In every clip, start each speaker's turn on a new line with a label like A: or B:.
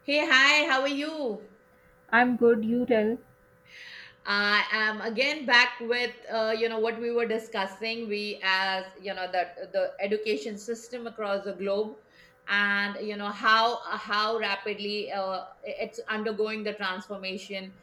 A: Hey, hi, how are you?
B: I'm good, you tell.
A: I am again back with you know what we were discussing. We, as you know, the education system across the globe, and you know how rapidly it's undergoing the transformation.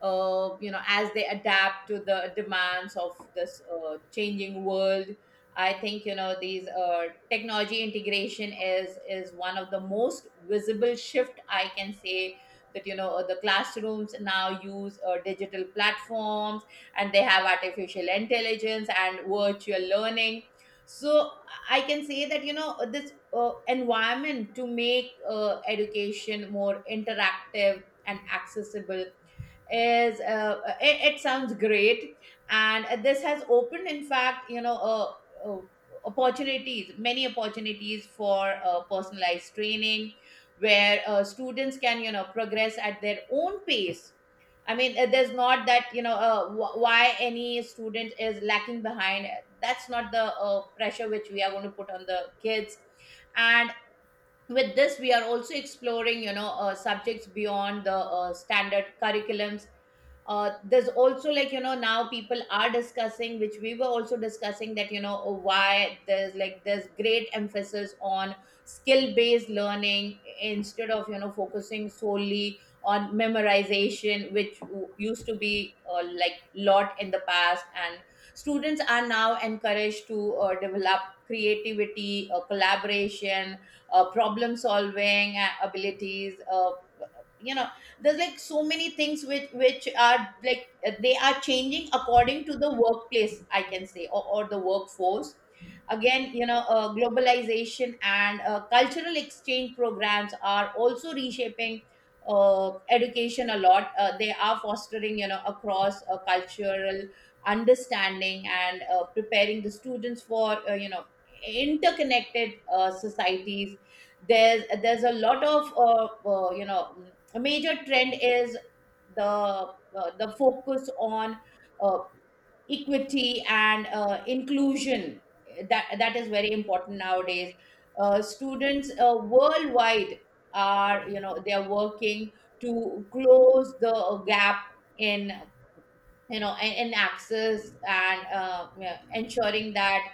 A: You know, as they adapt to the demands of this changing world. I think, you know, these technology integration is one of the most visible shift, I can say, that you know the classrooms now use digital platforms, and they have artificial intelligence and virtual learning. So I can say that you know this environment to make education more interactive and accessible is it sounds great, and this has opened, in fact, you know, uh, opportunities, many opportunities for personalized training, where students can, you know, progress at their own pace. I mean, there's not that you know why any student is lacking behind. That's not the pressure which we are going to put on the kids. And with this, we are also exploring, you know, subjects beyond the standard curriculums. There's also, like, you know, now people are discussing, which we were also discussing, that you know, oh, why there's like, there's great emphasis on skill based learning instead of, you know, focusing solely on memorization, which used to be like lot in the past. And students are now encouraged to develop creativity, collaboration, problem solving abilities, you know, there's like so many things which are like, they are changing according to the workplace, I can say, or the workforce. Again, you know, globalization and cultural exchange programs are also reshaping education a lot. They are fostering, you know, across cultural understanding, and preparing the students for you know, interconnected societies. There's a lot of you know, a major trend is the uh, the focus on uh, equity and inclusion. That is very important nowadays. Students worldwide are, you know, they are working to close the gap in, you know, in access and yeah, ensuring that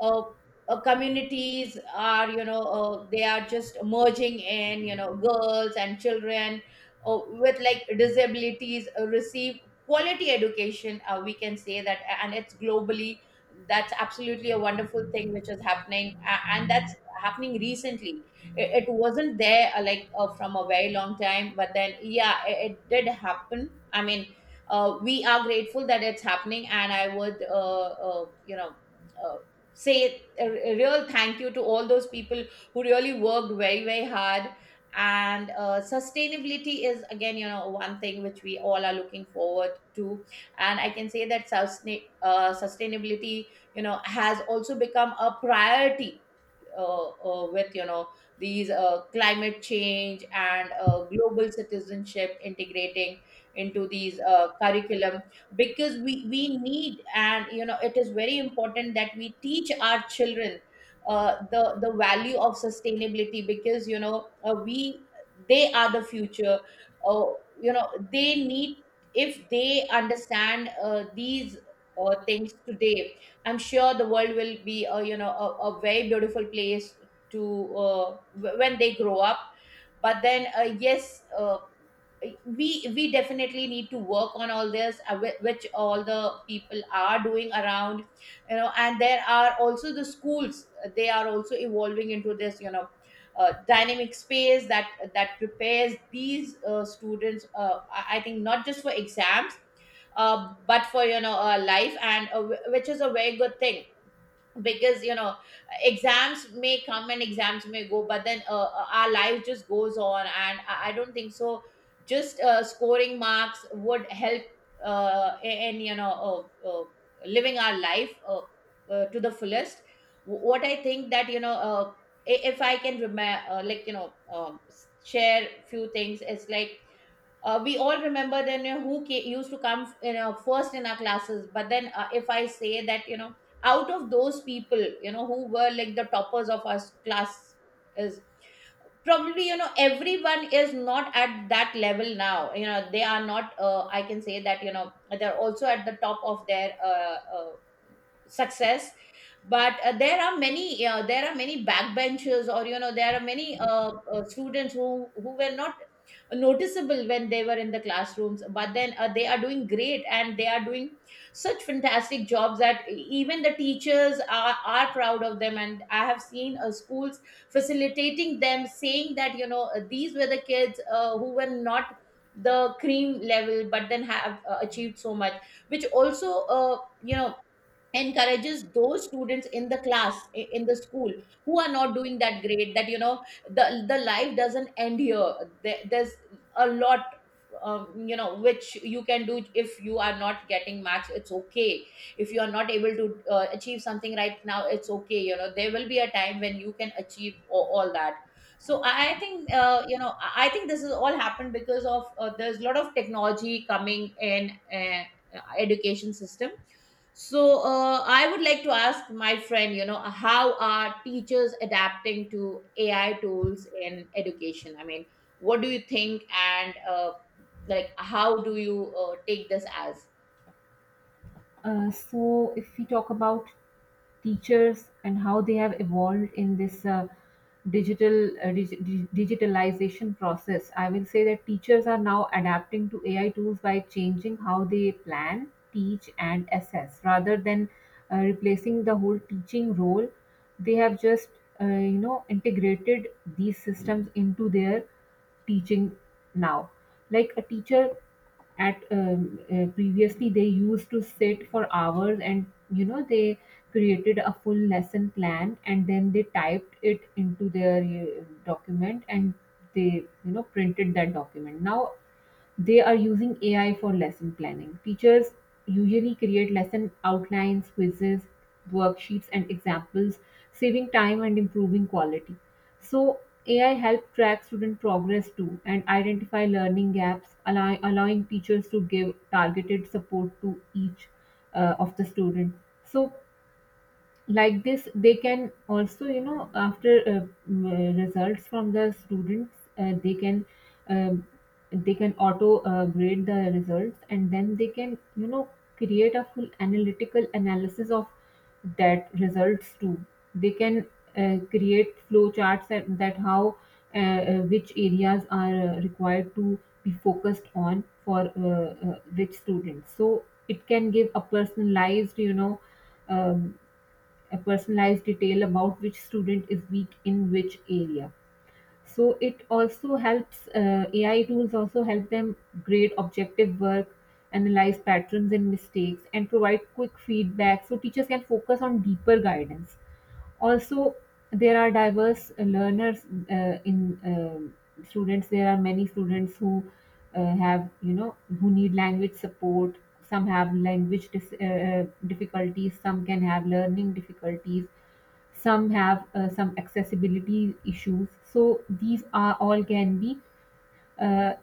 A: uh, communities are, you know, they are just merging in, you know, girls and children with like disabilities receive quality education, we can say that, and it's globally. That's absolutely a wonderful thing which is happening, and that's happening recently. It wasn't there like from a very long time, but then yeah, it did happen. I mean, we are grateful that it's happening, and I would you know, uh, say a real thank you to all those people who really worked very very hard. And sustainability is, again, you know, one thing which we all are looking forward to. And I can say that sustainability, you know, has also become a priority, with you know these climate change and global citizenship integrating into these curriculum, because we need, and you know it is very important that we teach our children the value of sustainability, because you know we they are the future. uh, you know, they need, if they understand these things today, I'm sure the world will be a, you know, a very beautiful place to when they grow up. But then yes, we definitely need to work on all this, which all the people are doing around, you know. And there are also the schools; they are also evolving into this, you know. Dynamic space that that prepares these students. I think not just for exams, but for, you know, life, and which is a very good thing. Because, you know, exams may come and exams may go, but then our life just goes on, and I don't think so just scoring marks would help in you know, living our life to the fullest. What I think, that you know if I can remember like, you know, share few things. It's like, we all remember then, you know, who used to come, you know, first in our classes. But then if I say that you know, out of those people, you know, who were like the toppers of our class, is probably, you know, everyone is not at that level now. You know, they are not, I can say that you know they're also at the top of their success. But there are many backbenchers, or you know, there are many students who were not noticeable when they were in the classrooms, but then they are doing great, and they are doing such fantastic jobs that even the teachers are proud of them. And I have seen schools facilitating them, saying that you know these were the kids who were not the cream level, but then have achieved so much, which also you know encourages those students in the class, in the school, who are not doing that great, that you know the life doesn't end here. There's a lot, you know, which you can do. If you are not getting marks, it's okay. If you are not able to achieve something right now, it's okay. You know, there will be a time when you can achieve all that. So I think you know, I think this has all happened because of there's a lot of technology coming in uh, education system. So I would like to ask my friend, you know, how are teachers adapting to AI tools in education? I mean, what do you think? And like, how do you take this as?
B: So, if we talk about teachers and how they have evolved in this digital digitalization process, I will say that teachers are now adapting to AI tools by changing how they plan, teach, and assess rather than replacing the whole teaching role. They have just you know integrated these systems into their teaching now. Like a teacher at previously they used to sit for hours and you know they created a full lesson plan and then they typed it into their document and they you know printed that document now they are using AI for lesson planning. Teachers usually create lesson outlines, quizzes, worksheets, and examples, saving time and improving quality. So, AI helps track student progress too and identify learning gaps, allowing teachers to give targeted support to each of the student. So, like this they can also you know after results from the students um, they can auto grade the results and then they can you know create a full analytical analysis of that results too they can create flow charts that how which areas are required to be focused on for which students so it can give a personalized you know um, a personalized detail about which student is weak in which area. So it also helps, AI tools also help them grade objective work, analyze patterns and mistakes, and provide quick feedback so teachers can focus on deeper guidance. Also, there are diverse learners in students. There are many students who have, you know, who need language support. Some have difficulties. Some can have learning difficulties. Some have some accessibility issues. So these are all can be uh,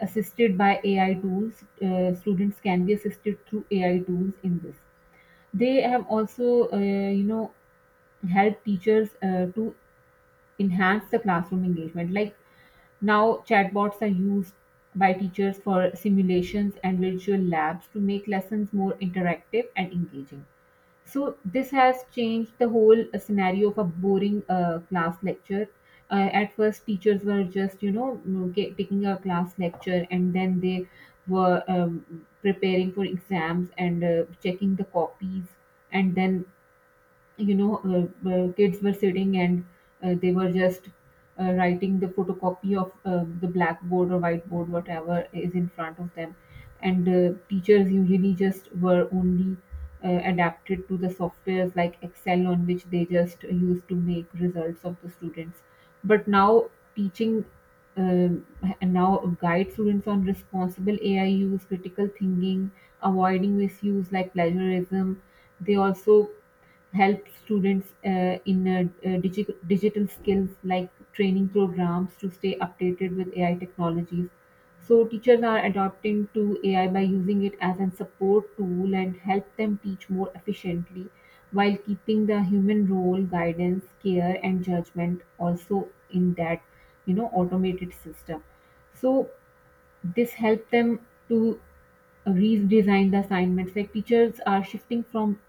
B: assisted by AI tools. Students can be assisted through AI tools in this. They have also, you know, help teachers to enhance the classroom engagement. Like now, chatbots are used by teachers for simulations and virtual labs to make lessons more interactive and engaging. So this has changed the whole scenario of a boring class lecture. At first, teachers were just you know taking a class lecture, and then they were preparing for exams and checking the copies, and then you know, kids were sitting and they were just writing the photocopy of the blackboard or whiteboard, whatever is in front of them. And teachers usually just were only adapted to the softwares like Excel, on which they just used to make results of the students. But now teaching um, and now guide students on responsible AI use, critical thinking, avoiding misuse like plagiarism. They also help students in digital skills like training programs to stay updated with AI technologies. So teachers are adopting to AI by using it as a support tool and help them teach more efficiently while keeping the human role, guidance, care and judgment also in that you know automated system. So this helped them to redesign the assignments. Like teachers are shifting from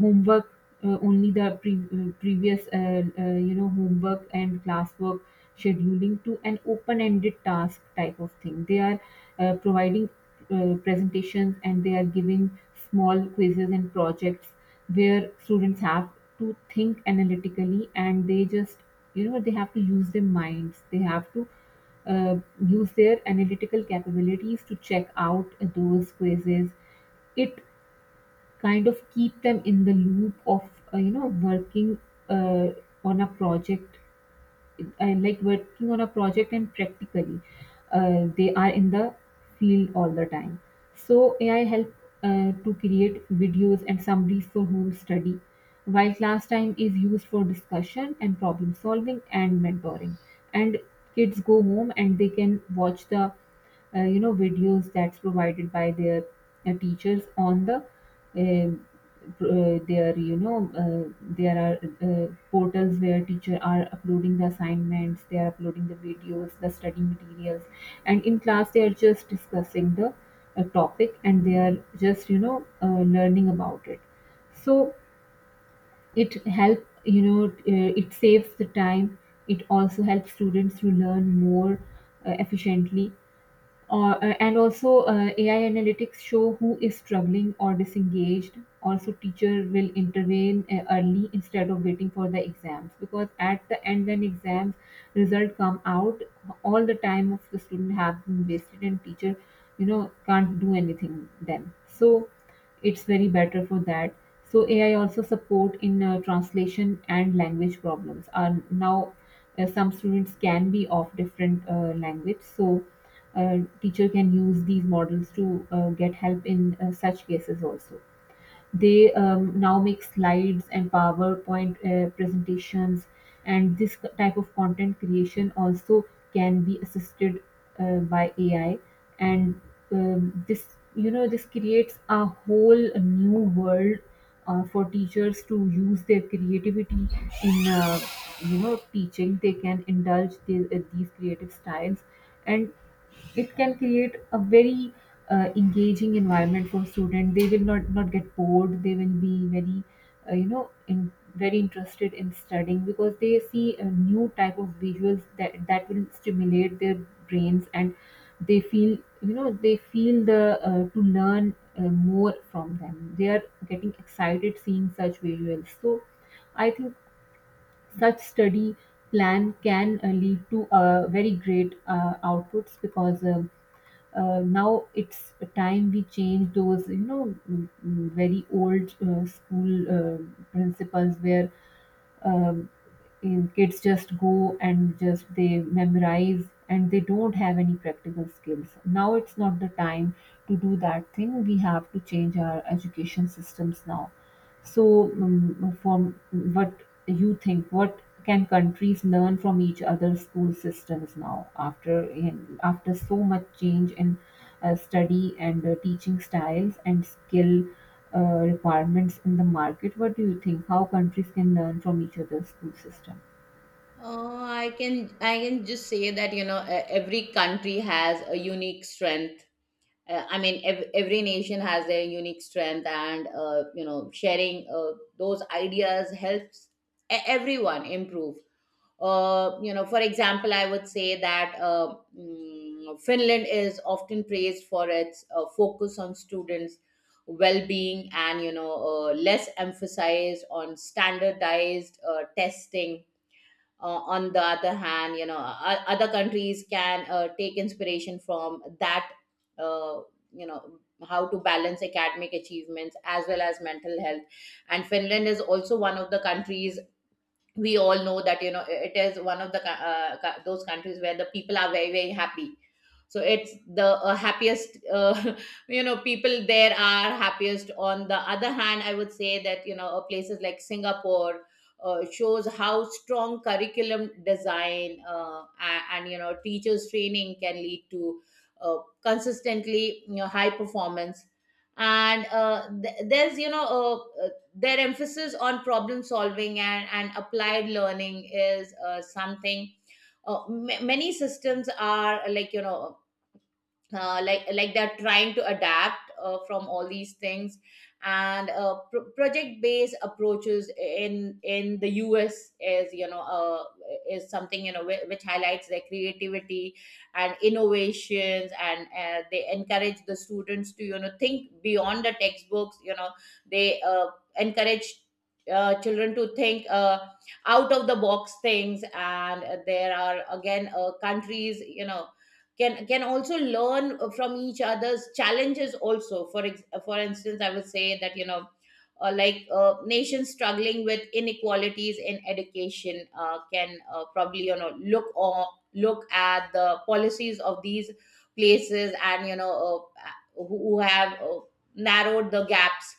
B: homework only the pre- previous you know homework and classwork scheduling to an open-ended task type of thing. They are providing presentations and they are giving small quizzes and projects where students have to think analytically and they just you know they have to use their minds. They have to uh, use their analytical capabilities to check out those quizzes. It kind of keep them in the loop of you know working uh, on a project and like working on a project and practically they are in the field all the time so ai help to create videos and summaries for home study while class time is used for discussion and problem solving and mentoring and kids go home and they can watch the you know videos that's provided by their teachers on the uh, there you know uh, there are portals where teacher are uploading the assignments they are uploading the videos the study materials and in class they are just discussing the topic and they are just you know learning about it so it help you know it saves the time it also helps students to learn more efficiently and also, AI analytics show who is struggling or disengaged. Also, teacher will intervene early instead of waiting for the exams because at the end, when exams result come out, all the time of the student have been wasted, and teacher, you know, can't do anything then. So, it's very better for that. So, AI also support in translation and language problems. Are now some students can be of different language, so teacher can use these models to get help in such cases also they now make slides and powerpoint presentations and this type of content creation also can be assisted by ai and this you know this creates a whole new world for teachers to use their creativity in you know teaching they can indulge these creative styles and it can create a very engaging environment for student they will not not get bored they will be very you know very interested in studying because they see a new type of visuals that will stimulate their brains and they feel you know they feel the to learn more from them they are getting excited seeing such visuals so I think such study plan can lead to very great outputs because now it's a time we change those you know very old school principles where um, in kids just go and just they memorize and they don't have any practical skills now it's not the time to do that thing we have to change our education systems now so, from what you think, what can countries learn from each other's school systems now after after so much change in study and teaching styles and skill uh, requirements in the market? What do you think? How countries can learn from each other's school system?
A: I can I can just say that you know every country has a unique strength. I mean, every nation has their unique strength, and you know, sharing those ideas helps everyone improve. You know, for example, I would say that Finland is often praised for its focus on students' well-being, and you know less emphasis on standardized testing. On the other hand, you know, other countries can take inspiration from that. Uh, you know, how to balance academic achievements as well as mental health. And Finland is also one of the countries. We all know that, you know, it is one of the those countries where the people are very very happy. So it's the happiest you know, people there are happiest. On the other hand, I would say that you know places like Singapore shows how strong curriculum design, and you know teachers training can lead to consistently, you know, high performance. And there's you know their emphasis on problem solving, and applied learning is something many systems are like you know like they're trying to adapt from all these things. And project based approaches in the us is you know is something you know which highlights their creativity and innovations. And they encourage the students to you know think beyond the textbooks. You know, they encourage children to think out of the box things. And there are, again, countries, you know, can also learn from each other's challenges also. For for instance, I would say that you know like nations struggling with inequalities in education can probably you know look at the policies of these places, and you know uh, who have narrowed the gaps.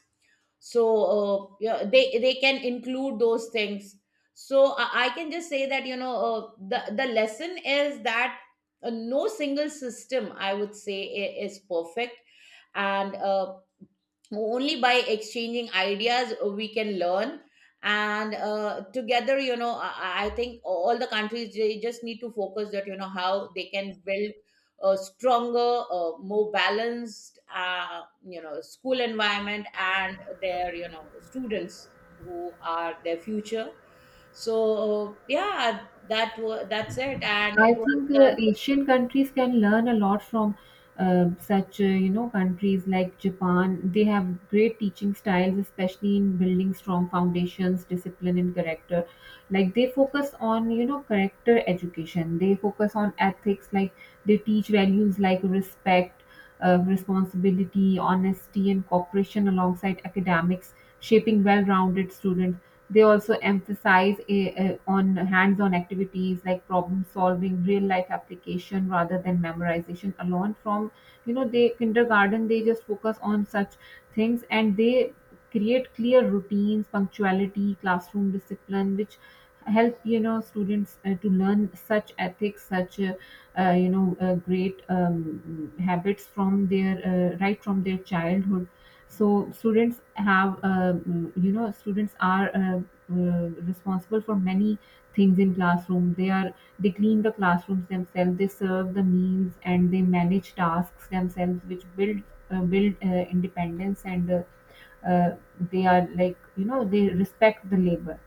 A: So yeah, they can include those things. So I can just say that you know the lesson is that no single system, I would say, is perfect. And only by exchanging ideas we can learn. And together, you know, I think all the countries, they just need to focus that you know how they can build a stronger, more balanced, you know, school environment, and their, you know, students who are their future. So yeah, that's it, and
B: I
A: it
B: think
A: was.
B: Asian countries can learn a lot from such, you know, countries like Japan. They have great teaching styles, especially in building strong foundations, discipline, and character. Like they focus on, you know, character education. They focus on ethics. Like they teach values like respect of responsibility, honesty, and cooperation alongside academics, shaping well rounded students. They also emphasize on hands on activities like problem solving, real life application rather than memorization alone. From you know, they kindergarten they just focus on such things and they create clear routines, punctuality, classroom discipline, which help you know students to learn such ethics, such you know great habits from their right from their childhood so students have you know students are responsible for many things in classroom they are they clean the classrooms themselves they serve the meals and they manage tasks themselves which build independence and uh, they are like you know they respect the labor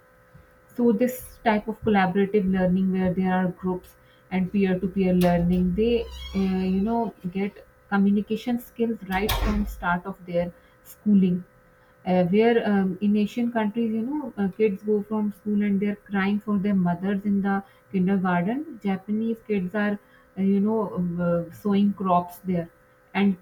B: so this type of collaborative learning where there are groups and peer-to-peer learning, they you know get communication skills right from start of their schooling. Where in Asian countries, you know, kids go from school and they're crying for their mothers in the kindergarten. Japanese kids are, you know, sowing crops there, and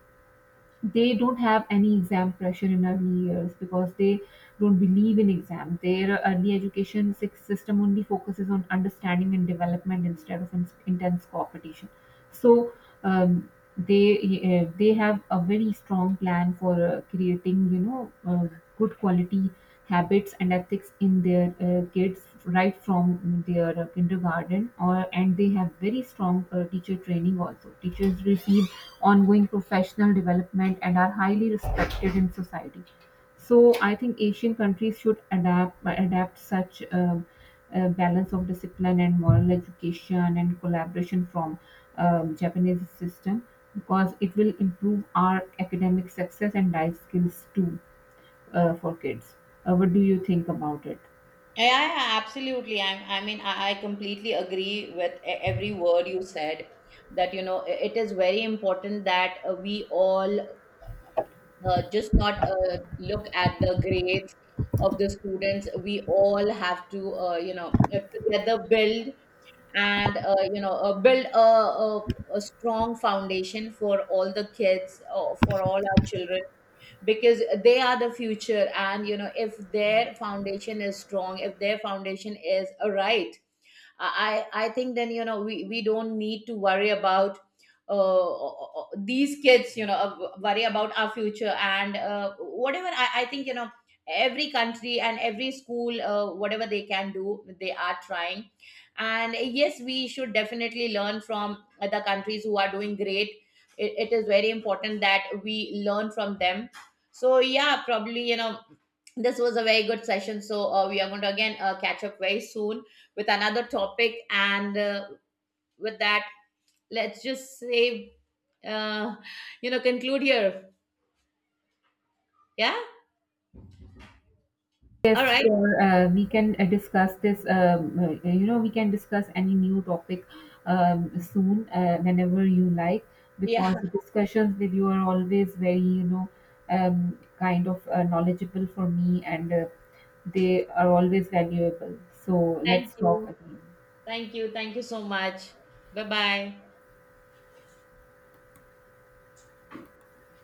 B: they don't have any exam pressure in early years because they don't believe in exam. Their early education six system only focuses on understanding and development instead of intense competition. So um, they they have a very strong plan for creating you know good quality habits and ethics in their kids right from their kindergarten or and they have very strong teacher training also teachers receive ongoing professional development and are highly respected in society so I think Asian countries should adapt such a balance of discipline and moral education and collaboration from Japanese system because it will improve our academic success and life skills too for kids. What do you think about it?
A: Yeah, yeah, yeah, absolutely. I mean, I completely agree with every word you said. That you know, it is very important that we all just not look at the grades of the students. We all have to, you know, together build. And you know build a strong foundation for all the kids, for all our children. Because they are the future, and you know if their foundation is strong, if their foundation is right, I think, then, you know, we don't need to worry about these kids, you know, worry about our future. And whatever, I think, you know, every country and every school, whatever they can do, they are trying. And yes, we should definitely learn from the countries who are doing great. It is very important that we learn from them. So yeah, probably, you know, this was a very good session. So we are going to, again, catch up very soon with another topic, and with that, let's just say, uh, you know, conclude here. Yeah. All
B: Yes,
A: right.
B: sure. We can discuss this. You know, we can discuss any new topic soon, whenever you like,
A: Yeah.
B: because the discussions with you are always very, you know, kind of knowledgeable for me, and they are always valuable. So
A: Thank
B: let's talk
A: you.
B: again.
A: Thank you, thank you so much. Bye bye.